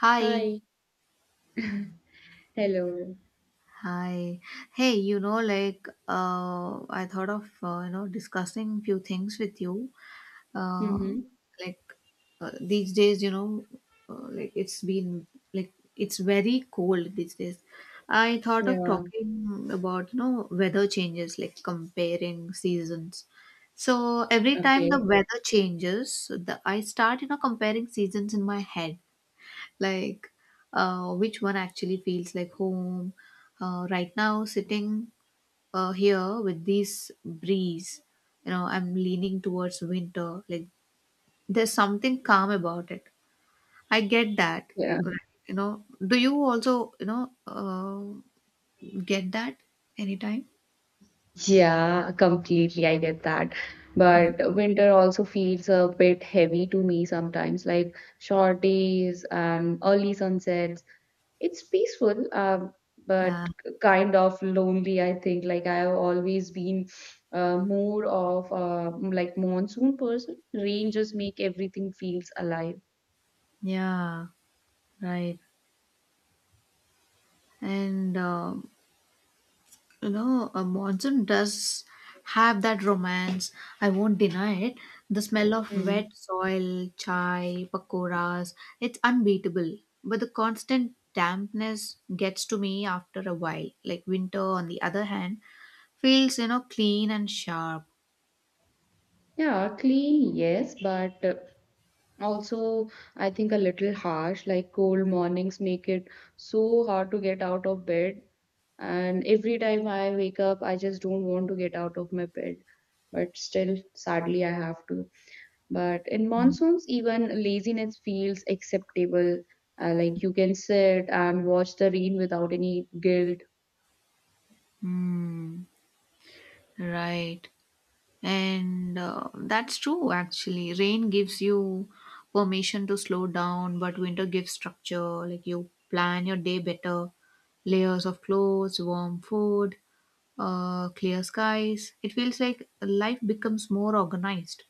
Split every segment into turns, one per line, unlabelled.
Hi,
Hi. Hello.
hi. Hey, you know, I thought of you know discussing few things with you. Uh,
Mm-hmm.
like these days, you know, like it's been like it's very cold these days. I thought of
Yeah.
talking about you know weather changes, like comparing seasons. So every time the
Okay.
weather changes, the I start you know comparing seasons in my head like which one actually feels like home. Right now, sitting here with this breeze, you know, I'm leaning towards winter. Like, there's something calm about it. I get that,
Yeah.
right? You know, do you also, you know, get that anytime?
Yeah, completely. I get that.
Mm.
But winter also feels a bit heavy to me sometimes, like short days and early sunsets. It's peaceful,
Yeah,
but kind of lonely, I think. Like I've always been more of like monsoon person. Rain just make everything feels alive.
yeah, right. And You know, a monsoon does have that romance. I won't deny it. The smell of wet
Mm.
soil, chai, pakoras, it's unbeatable. But the constant dampness gets to me after a while. Like winter, on the other hand, feels, you know, clean and sharp.
Yeah, clean, yes, but also, I think a little harsh, like cold mornings make it so hard to get out of bed. And every time I wake up, I just don't want to get out of my bed. But still, sadly, I have to. But in monsoons, even laziness feels acceptable. Like you can sit and watch the rain without any guilt.
Hmm, right. And that's true, actually. Rain gives you permission to slow down, but winter gives structure. Like you plan your day better. Layers of clothes, warm food, clear skies. It feels like life becomes more organized.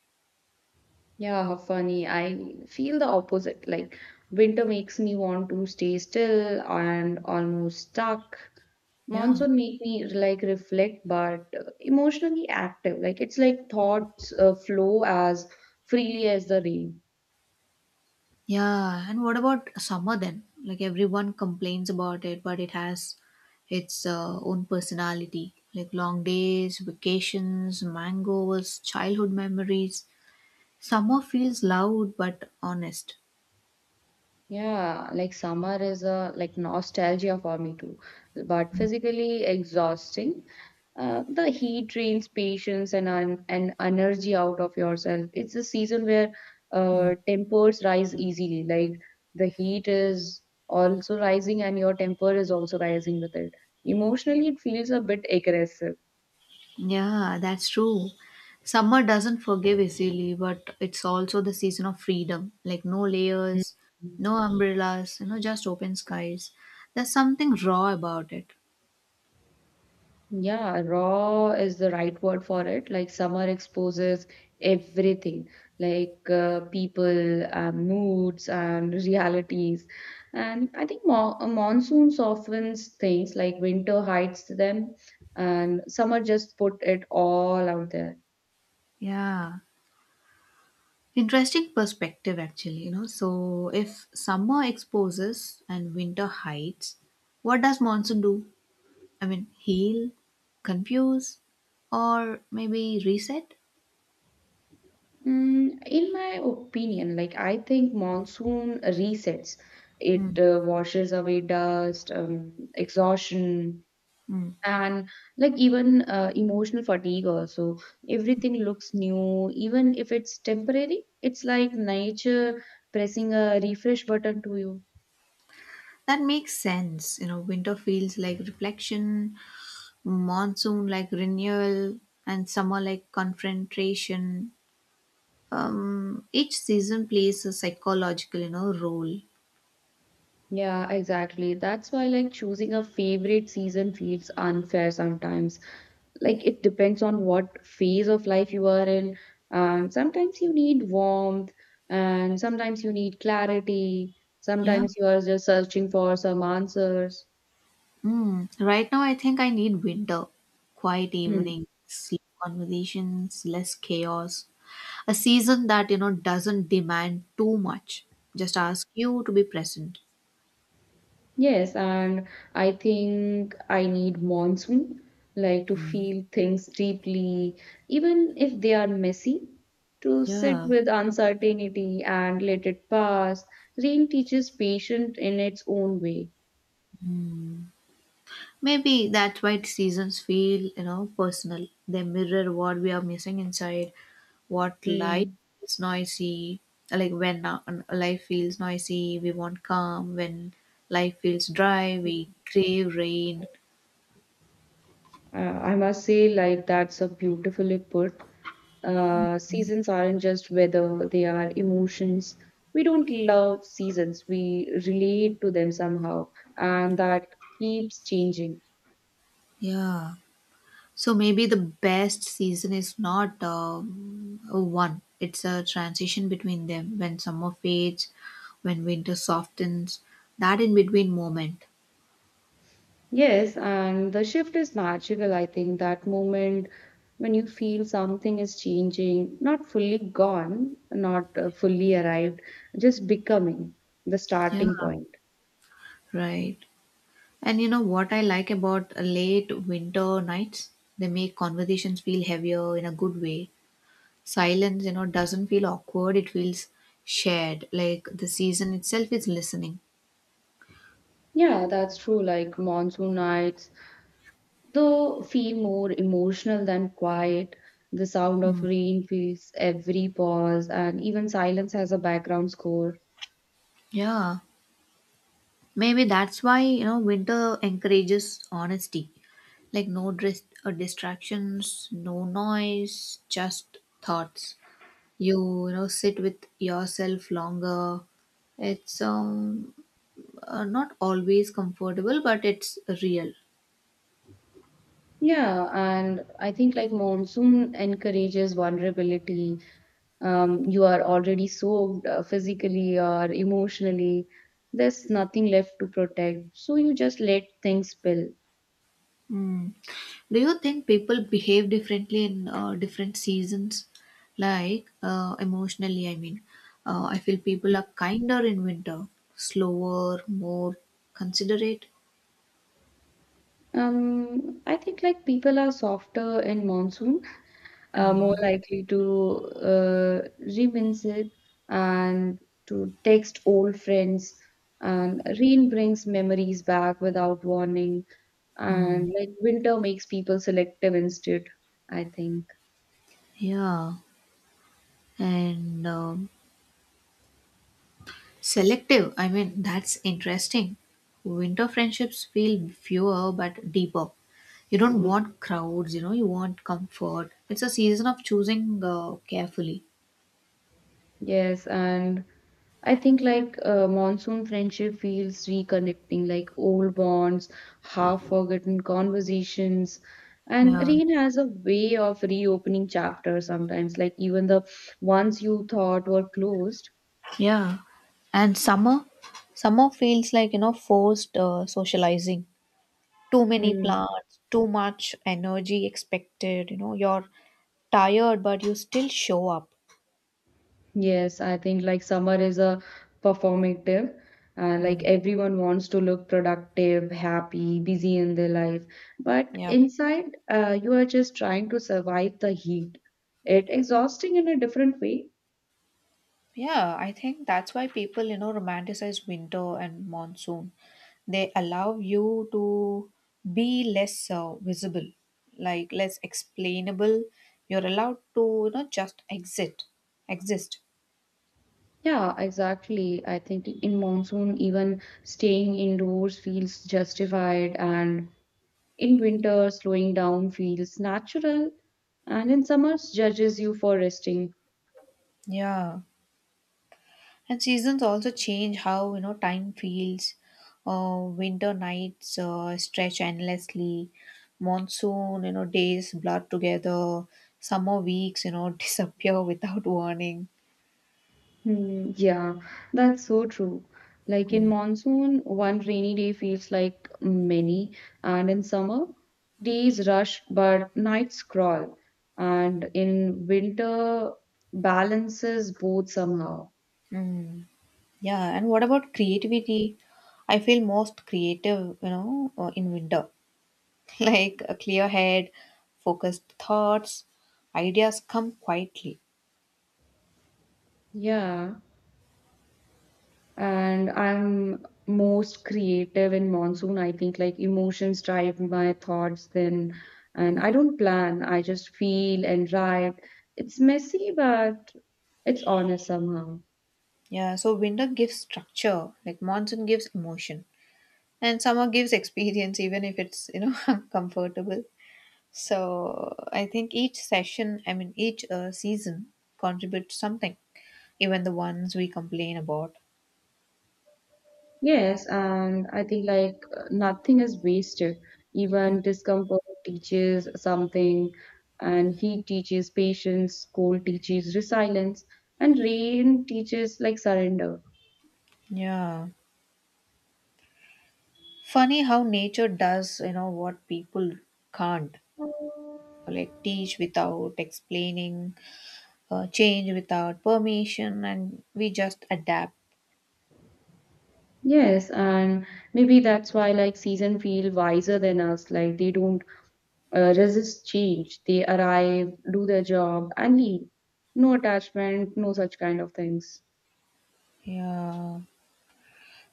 Yeah, how funny. I feel the opposite. Like winter makes me want to stay still and almost stuck.
Yeah.
Monsoon make me like reflect, but emotionally active. Like it's like thoughts flow as freely as the rain.
Yeah. And what about summer then? Like everyone complains about it, but it has its own personality. Like long days, vacations, mangoes, childhood memories. Summer feels loud but honest.
Yeah, like summer is a like nostalgia for me too, but physically exhausting. The heat drains patience and un and energy out of yourself. It's a season where
Mm.
tempers rise easily. Like the heat is also rising and your temper is also rising with it. Emotionally, it feels a bit aggressive.
Yeah, that's true. Summer doesn't forgive easily, but it's also the season of freedom. Like no layers,
Mm.
no umbrellas, you know, just open skies. There's something raw about it.
Yeah, raw is the right word for it. Like summer exposes everything, like people, moods, and realities. And I think mo a monsoon softens things, like winter hides them, and summer just put it all out there.
Yeah. Interesting perspective actually, you know. So if summer exposes and winter hides, what does monsoon do? I mean, heal, confuse, or maybe reset?
In my opinion, like I think monsoon resets.
Mm.
It washes away dust, exhaustion,
Mm.
and like even emotional fatigue also everything looks new even if it's temporary. It's like nature pressing a refresh button to you.
That makes sense. You know, winter feels like reflection, monsoon like renewal, and summer like confrontation. Each season plays a psychological, you know, role.
Yeah, exactly, that's why like choosing a favorite season feels unfair sometimes. Like it depends on what phase of life you are in, and sometimes you need warmth, and sometimes you need clarity.
Yeah.
Sometimes you are just searching for some answers.
Mm. Right now, I think I need winter, quiet evenings, sleep, conversations, less chaos. A season that you know doesn't demand too much. Just ask you to be present.
Yes, and I think I need monsoon, like to feel things deeply, even if they are messy, to sit
Yeah.
with uncertainty and let it pass. Rain teaches patience in its own way.
Maybe that's why seasons feel, you know, personal. They mirror what we are missing inside, what life
Mm.
is noisy. Like when life feels noisy, we want calm. When life feels dry, we crave rain.
I must say, like, that's a beautifully put. Seasons aren't just weather, they are emotions. We don't love seasons, we relate to them somehow, and that keeps changing.
Yeah. So maybe the best season is not a one. It's a transition between them. When summer fades, when winter softens, that in between moment.
Yes, and the shift is magical. I think that moment when you feel something is changing, not fully gone, not fully arrived, just becoming the
Yeah.
starting point.
Right. And you know what I like about late winter nights? They make conversations feel heavier in a good way. Silence, you know, doesn't feel awkward, it feels shared. Like the season itself is listening.
Yeah, that's true. Like monsoon nights, though, feel more emotional than quiet. The sound of rain fills every pause, and even silence has a background score.
Yeah. Maybe that's why, you know, winter encourages honesty. Like no distractions, no noise, just thoughts. You know, sit with yourself longer. It's not always comfortable, but it's real.
Yeah, and I think like monsoon encourages vulnerability. You are already soaked physically or emotionally. There's nothing left to protect, so you just let things spill.
Mm. Do you think people behave differently in different seasons? Like emotionally, I mean, I feel people are kinder in winter, slower, more considerate.
I think like people are softer in monsoon, more likely to revisit and to text old friends, and rain brings memories back without warning. And
Mm.
like winter makes people selective instead, I think.
Yeah, and selective, I mean, that's interesting. Winter friendships feel fewer but deeper. You don't want crowds, you know, you want comfort. It's a season of choosing carefully.
Yes, and I think like monsoon friendship feels reconnecting, like old bonds, half forgotten conversations, and
Yeah.
rain has a way of reopening chapters sometimes, like even the ones you thought were closed.
Yeah. And summer feels like, you know, forced socializing. Too many
Hmm.
plants, too much energy expected, you know, you're tired, but you still show up.
Yes, I think like summer is a performative. Like
Mm.
everyone wants to look productive, happy, busy in their life, but
Yeah.
inside, you are just trying to survive the heat. It exhausting in a different way.
Yeah, I think that's why people, you know, romanticize winter and monsoon. They allow you to be less visible, like less explainable. You're allowed to, you know, just exist.
Yeah, exactly. I think in monsoon, even staying indoors feels justified, and in winter, slowing down feels natural, and in summers, judges you for resting.
Yeah. And seasons also change how, you know, time feels. Winter nights stretch endlessly. Monsoon, you know, days blur together. Summer weeks, you know, disappear without warning.
Hmm, yeah, that's so true. Like in
Mm.
monsoon, one rainy day feels like many, and in summer, days rush but nights crawl. And in winter, balances both somehow.
Mm. Yeah, and what about creativity? I feel most creative, you know, in winter. Like a clear head, focused thoughts, ideas come quietly.
Yeah, and I'm most creative in monsoon. I think like emotions drive my thoughts then, and I don't plan, I just feel and write. It's messy, but it's honest somehow.
Yeah, so winter gives structure, like monsoon gives emotion, and summer gives experience, even if it's, you know, uncomfortable. So I think each session, I mean, each season contributes something, even the ones we complain about.
Yes, and I think like nothing is wasted. Even discomfort teaches something, and heat teaches patience, cold teaches resilience, and rain teaches like surrender.
Yeah. Funny how nature does, you know, what people can't. Like teach without explaining, change without permission, and we just adapt.
Yes, and maybe that's why like season feel wiser than us. Like they don't resist change. They arrive, do their job, and leave. No attachment, no such kind of things.
Yeah,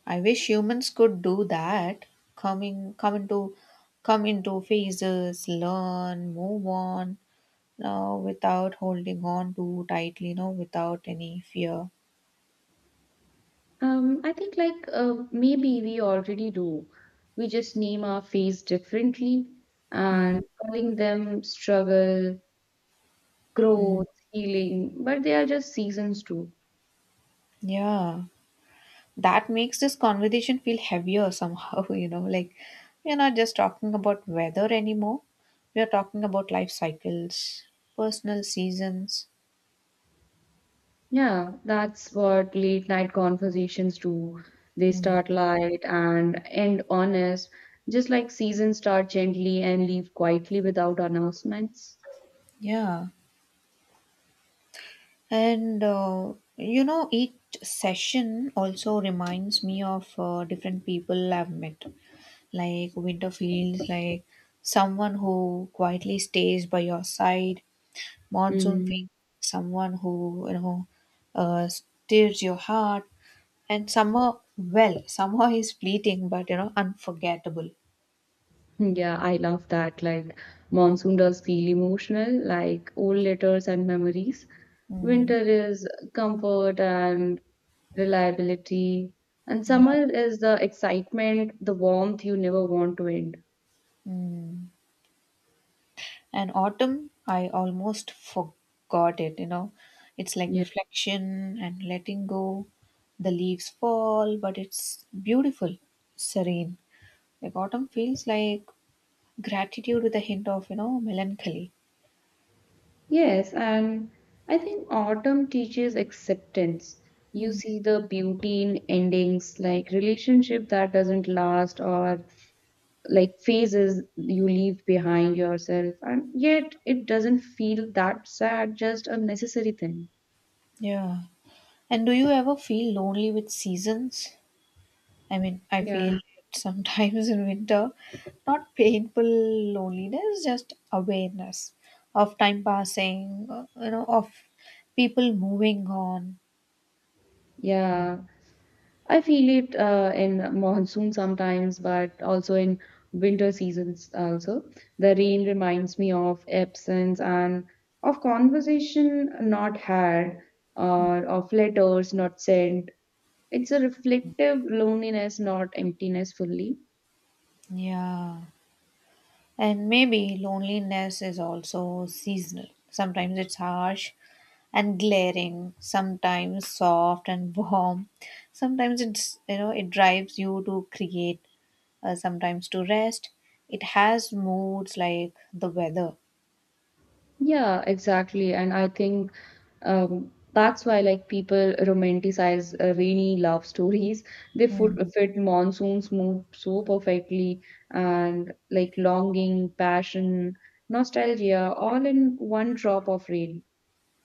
I wish humans could do that. Coming, come into, come into phases, learn, move on. Now, without holding on too tightly, you know, without any fear.
I think like maybe we already do. We just name our phase differently
Mm,
and calling them struggle,
mm,
growth, healing, but they are just seasons too.
yeah. That makes this conversation feel heavier somehow you know like we're not just talking about weather anymore, we are talking about life cycles, personal seasons.
Yeah, that's what late night conversations do. They
Mm,
start light and end honest, just like seasons start gently and leave quietly without announcements.
yeah. And you know each session also reminds me of different people I've met. Like winter feels like someone who quietly stays by your side, monsoon feels
Mm.
like someone who you know stirs your heart. And summer, well, summer is fleeting, but you know, unforgettable.
Yeah, I love that. Like, monsoon does feel emotional, like old letters and memories.
Mm,
Winter is comfort and reliability, and
yeah.
summer is the excitement, the warmth you never want to end.
Mm. And autumn, I almost forgot it, you know. It's like
Yeah.
reflection and letting go. The leaves fall, but it's beautiful, serene. Like autumn feels like gratitude with a hint of, you know, melancholy.
Yes, and I think autumn teaches acceptance. You see the beauty in endings, like relationship that doesn't last or like phases you leave behind yourself, and yet it doesn't feel that sad, just a necessary thing.
Yeah. And do you ever feel lonely with seasons? I mean, I feel
Yeah,
sometimes in winter, not painful loneliness, just awareness of time passing, you know, of people moving on.
yeah, I feel it in monsoon sometimes, but also in winter seasons also. The rain reminds me of absence and of conversation not had, or of letters not sent. It's a reflective loneliness, not emptiness fully.
Yeah. And maybe loneliness is also seasonal. Sometimes it's harsh and glaring, sometimes soft and warm. Sometimes it's, you know, it drives you to create, sometimes to rest. It has moods like the weather.
Yeah, exactly. And I think that's why like people romanticize rainy love stories. They
Mhm.
fit monsoons move so perfectly, and like longing, passion, nostalgia, all in one drop of rain.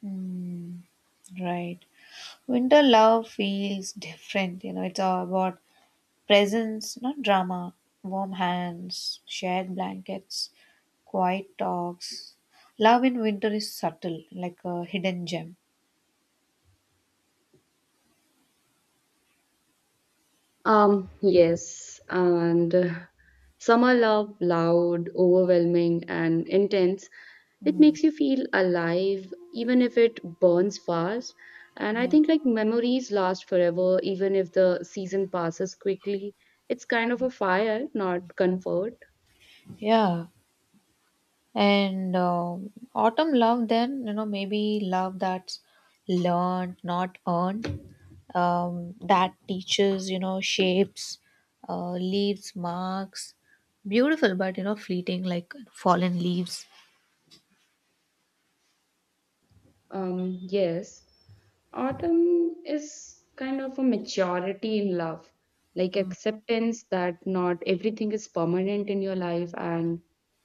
Mm, right. Winter love feels different. You know, it's all about presence, not drama. Warm hands, shared blankets, quiet talks. Love in winter is subtle, like a hidden gem.
Yes, and some are love, loud, overwhelming, and intense. It
Mm,
makes you feel alive, even if it burns fast. And I
yeah.
think like memories last forever, even if the season passes quickly. It's kind of a fire, not comfort.
Yeah. And autumn love, then, you know, maybe love that's learned, not earned, that teaches, you know, shapes, leaves, marks. Beautiful, but, you know, fleeting like fallen leaves.
Yes. Autumn is kind of a maturity in love, like acceptance that not everything is permanent in your life, and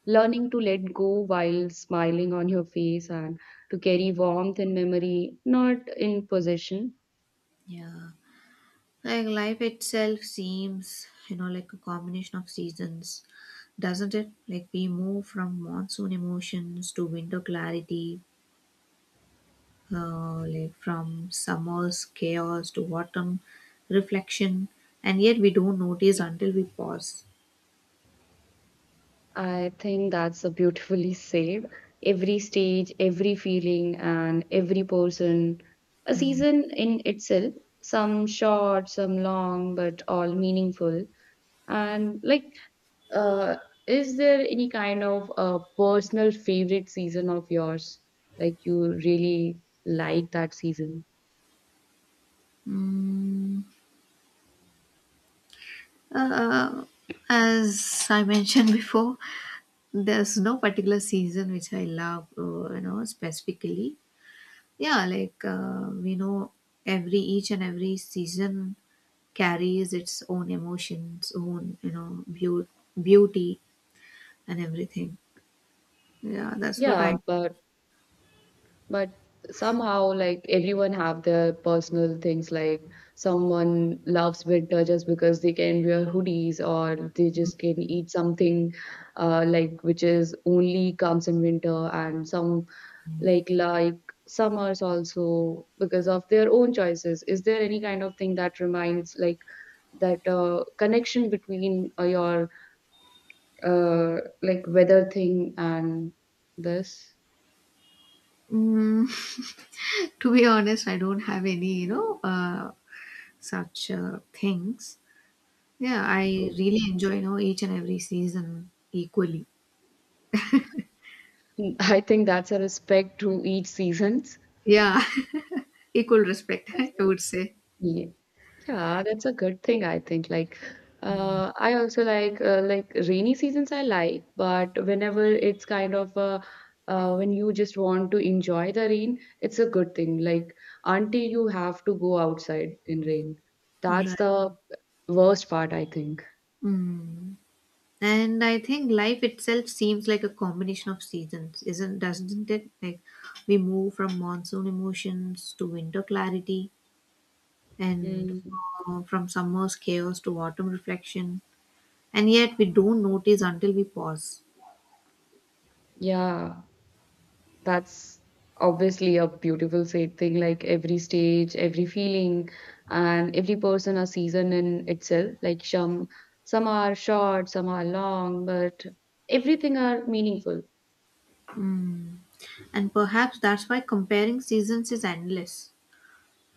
learning to let go while smiling on your face and to carry warmth and memory, not in possession.
Yeah. Like life itself seems, you know, like a combination of seasons, doesn't it? Like we move from monsoon emotions to winter clarity, like from summer's chaos to autumn reflection, and yet we don't notice until we pause.
I think that's a beautifully said. Every stage, every feeling, and every person, a
Mm.
season in itself, some short, some long, but all meaningful. And like, uh, is there any kind of personal favorite season of yours? Like, you really like that season?
Mm. Uh, uh, as I mentioned before, there's no particular season which I love, you know, specifically. Yeah, like we know every each and every season carries its own emotions, own you know beauty and everything. Yeah, that's what
Yeah,
I.
but somehow like everyone have their personal things, like someone loves winter just because they can wear hoodies, or they just can eat something like which is only comes in winter, and some like summers also because of their own choices. Is there any kind of thing that reminds like that connection between your uh, like weather thing and this?
Mm, to be honest, I don't have any, you know, such things. Yeah, I really enjoy, you know, each and every season equally.
I think that's a respect to each seasons.
Yeah, equal respect, I would say.
Yeah, yeah, that's a good thing, I think. Like,
Mm.
I also like rainy seasons I like, but whenever it's kind of when you just want to enjoy the rain, it's a good thing. Like until you have to go outside in rain, that's
Right.
the worst part, I think.
Mm. And I think life itself seems like a combination of seasons, isn't doesn't it? Like we move from monsoon emotions to winter clarity, and
Mm,
from summer's chaos to autumn reflection, and yet we don't notice until we pause.
yeah. That's obviously a beautiful fate thing, like every stage, every feeling, and every person a season in itself, like some are short, some are long, but everything are meaningful.
Mm. And perhaps that's why comparing seasons is endless,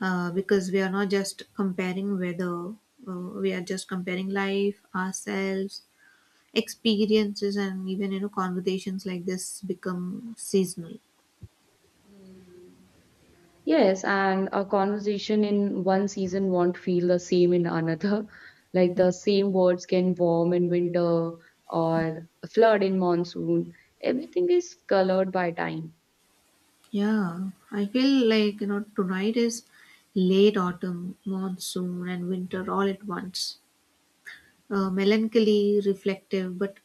because we are not just comparing weather, we are just comparing life ourselves, experiences, and even you know conversations like this become seasonal.
Yes, and a conversation in one season won't feel the same in another. Like the same words can warm in winter or flood in monsoon. Everything is colored by time.
Yeah, I feel like you know tonight is late autumn, monsoon and winter all at once, melancholy, reflective, but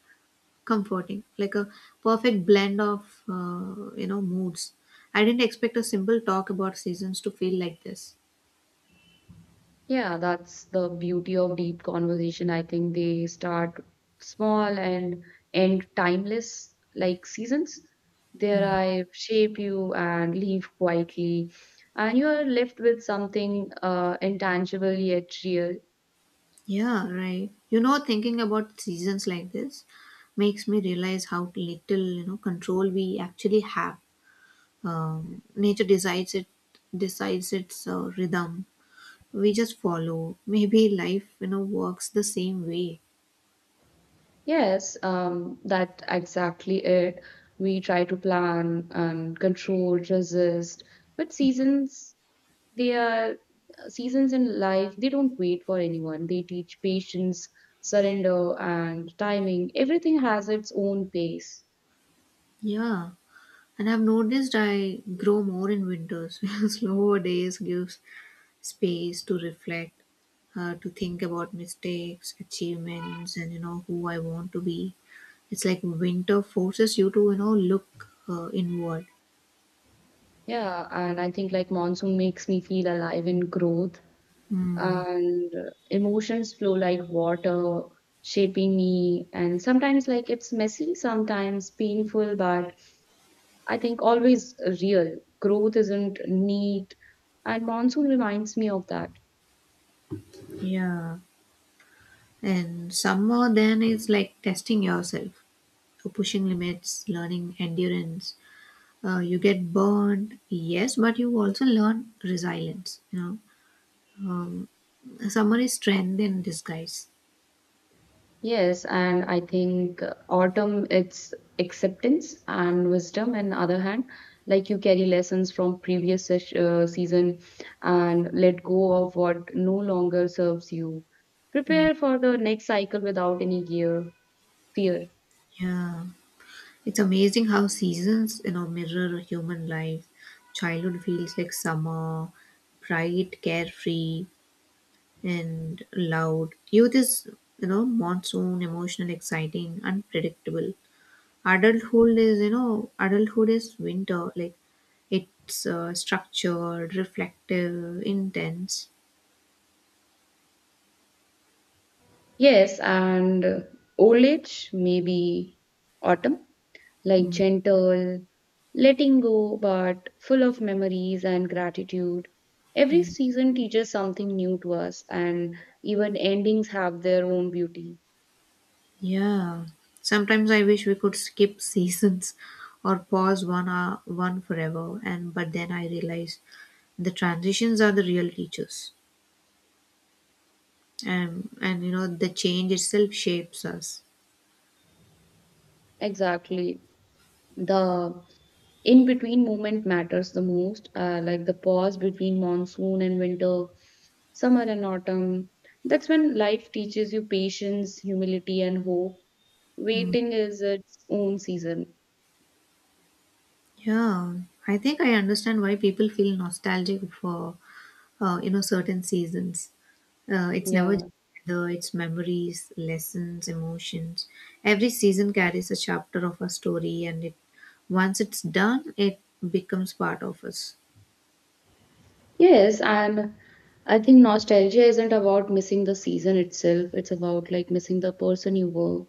comforting like a perfect blend of you know moods. I didn't expect a simple talk about seasons to feel like this.
Yeah, that's the beauty of deep conversation. I think they start small and end timeless, like seasons. There
Mm.
I shape you and leave quietly, and you are left with something intangible yet real.
Yeah, right, you know thinking about seasons like this makes me realize how little you know control we actually have. Um, nature decides it, decides its rhythm, we just follow. Maybe life you know works the same way.
Yes, that exactly it. We try to plan and control, resist, but seasons, they are seasons in life, they don't wait for anyone. They teach patience, surrender, and timing. Everything has its own pace.
Yeah, and I've noticed I grow more in winters. Slower days gives space to reflect, to think about mistakes, achievements, and you know who I want to be. It's like winter forces you to you know look inward.
Yeah, and I think like monsoon makes me feel alive in growth,
Hmm.
and emotions flow like water, shaping me. And sometimes, like, it's messy, sometimes painful, but I think always real. Growth isn't neat, and monsoon reminds me of that.
Yeah. And summer then is like testing yourself, so pushing limits, learning endurance. You get burned, yes, but you also learn resilience. You know, summer is strength in disguise.
Yes, and I think autumn it's acceptance and wisdom. And other hand, like you carry lessons from previous season, and let go of what no longer serves you. Prepare for the next cycle without any gear fear.
Yeah. It's amazing how seasons, you know, mirror human life. Childhood feels like summer, bright, carefree, and loud. Youth is, you know, monsoon, emotional, exciting, unpredictable. Adulthood is, you know, adulthood is winter. Like it's structured, reflective, intense.
Yes, and old age maybe autumn, like
Hmm.
gentle, letting go, but full of memories and gratitude. Every season teaches something new to us, and even endings have their own beauty.
Yeah. Sometimes I wish we could skip seasons or pause one hour, one forever, and but then I realize the transitions are the real teachers. And you know the change itself shapes us.
Exactly. The in between moment matters the most, like the pause between monsoon and winter, summer and autumn. That's when life teaches you patience, humility, and hope. Waiting is its own season.
Yeah. I think I understand why people feel nostalgic for you know certain seasons. It's never just
Yeah.
weather, it's memories, lessons, emotions. Every season carries a chapter of a story, and it once it's done, it becomes part of us.
Yes, and I think nostalgia isn't about missing the season itself. It's about like missing the person you were,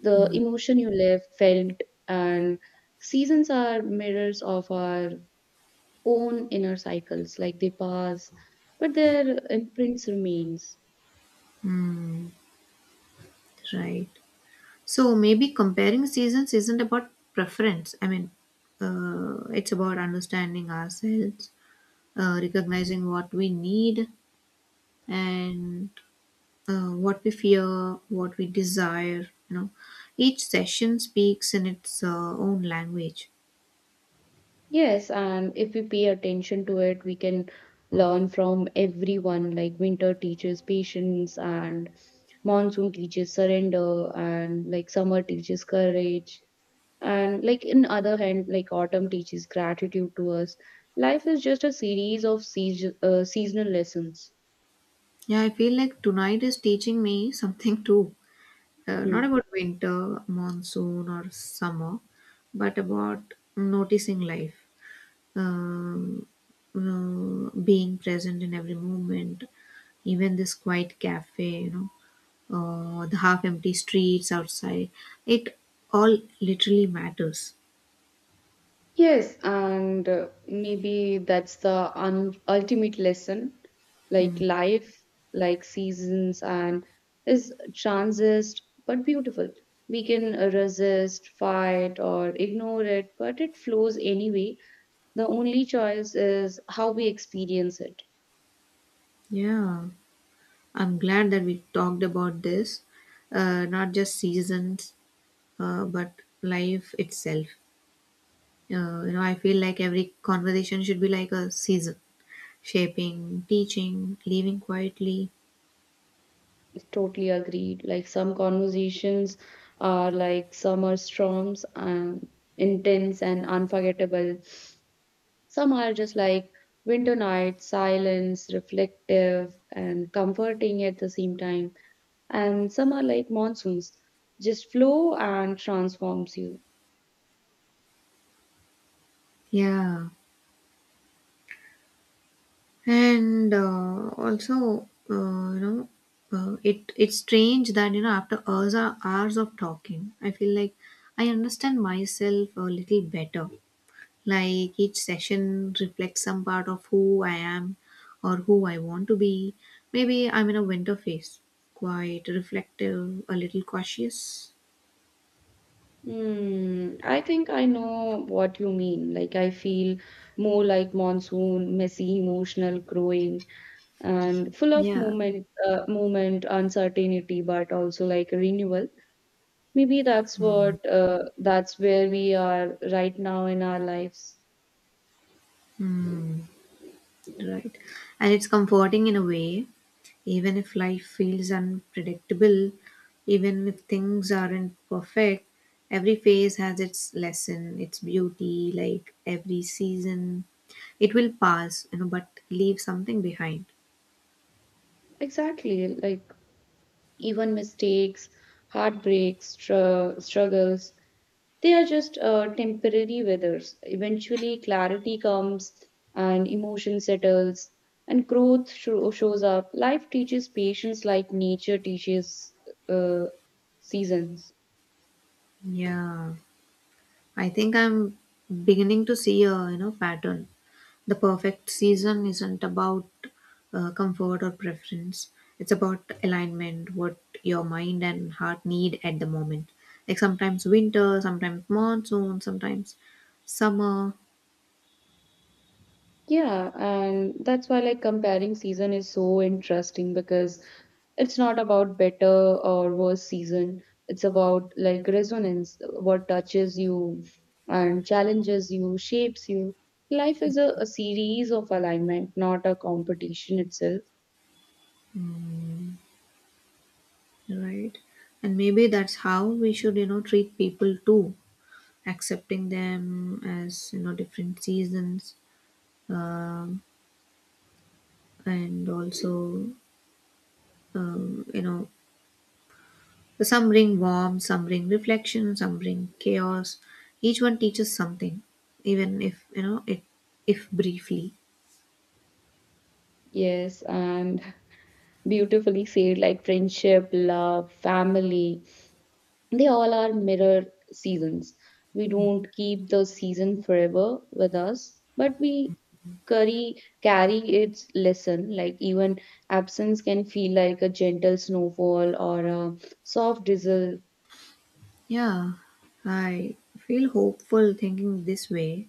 the emotion you lived, felt, and seasons are mirrors of our own inner cycles. Like they pass, but their imprints remains.
Hmm. Right. So maybe comparing seasons isn't about preference. I mean, it's about understanding ourselves, recognizing what we need, and what we fear, what we desire. You know, each session speaks in its own language.
Yes, and if we pay attention to it, we can learn from everyone. Like winter teaches patience, and monsoon teaches surrender, and like summer teaches courage. And like in other hand, like autumn teaches gratitude to us. Life is just a series of seasonal lessons.
Yeah, I feel like tonight is teaching me something too.
Hmm.
Not about winter, monsoon, or summer, but about noticing life, um, being present in every moment, even this quiet cafe, you know, the half empty streets outside. It all literally matters.
Yes, and maybe that's the ultimate lesson. Like
Mm.
life, like seasons, and is transist but beautiful. We can resist, fight, or ignore it, but it flows anyway. The only choice is how we experience it.
Yeah, I'm glad that we talked about this, not just seasons, but life itself. You know, I feel like every conversation should be like a season, shaping, teaching, leaving quietly.
Totally agreed. Like some conversations are like summer storms and intense and unforgettable. Some are just like winter nights, silence, reflective, and comforting at the same time. And some are like monsoons, just flow and transforms you.
Yeah, and also, you know, it's strange that you know after hours of talking, I feel like I understand myself a little better. Like each session reflects some part of who I am or who I want to be. Maybe I'm in a winter phase, quite reflective, a little cautious.
Hmm, I think I know what you mean. Like, I feel more like monsoon, messy, emotional, growing, and full of
Yeah.
movement, uncertainty, but also like renewal. Maybe that's what, that's where we are right now in our lives.
Hmm, right. And it's comforting in a way, even if life feels unpredictable, even if things aren't perfect, every phase has its lesson, its beauty, like every season. It will pass, you know, but leave something behind.
Exactly, like even mistakes, heartbreaks, struggles, they are just temporary weathers. Eventually, clarity comes and emotion settles and growth shows up. Life teaches patience like nature teaches uh, seasons.
Yeah. I think I'm beginning to see a you know pattern. The perfect season isn't about comfort or preference. It's about alignment, what your mind and heart need at the moment. Like sometimes winter, sometimes monsoon, sometimes summer,
Yeah, and that's why like comparing season is so interesting, because it's not about better or worse season. It's about like resonance, what touches you and challenges you, shapes you. Life is a series of alignment, not a competition itself.
mm, right? And maybe that's how we should you know treat people too, accepting them as you know different seasons, and also you know, so, some bring warmth, some bring reflection, some bring chaos. Each one teaches something, even if you know it, if briefly.
Yes, and beautifully said, like friendship, love, family, they all are mirror seasons. We don't keep the season forever with us, but we carry its lesson. Like even absence can feel like a gentle snowfall or a soft drizzle.
Yeah, I feel hopeful thinking this way.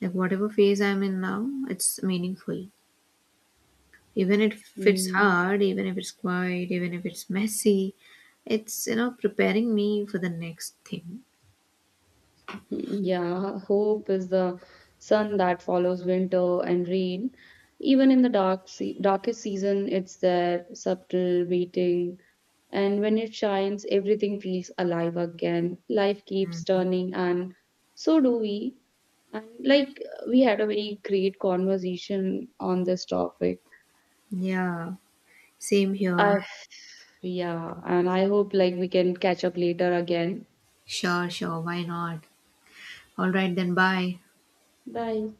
Like whatever phase I'm in now, it's meaningful. Even if it's
Mm.
hard, even if it's quiet, even if it's messy, it's you know preparing me for the next thing.
Yeah, hope is the sun that follows winter and rain. Even in the darkest season, it's there, subtle, waiting. And when it shines, everything feels alive again. Life keeps turning, and so do we. And like we had a very great conversation on this topic.
Yeah, same here.
I, yeah, and I hope like we can catch up later again.
Sure, sure, why not? All right, then bye.
Bye.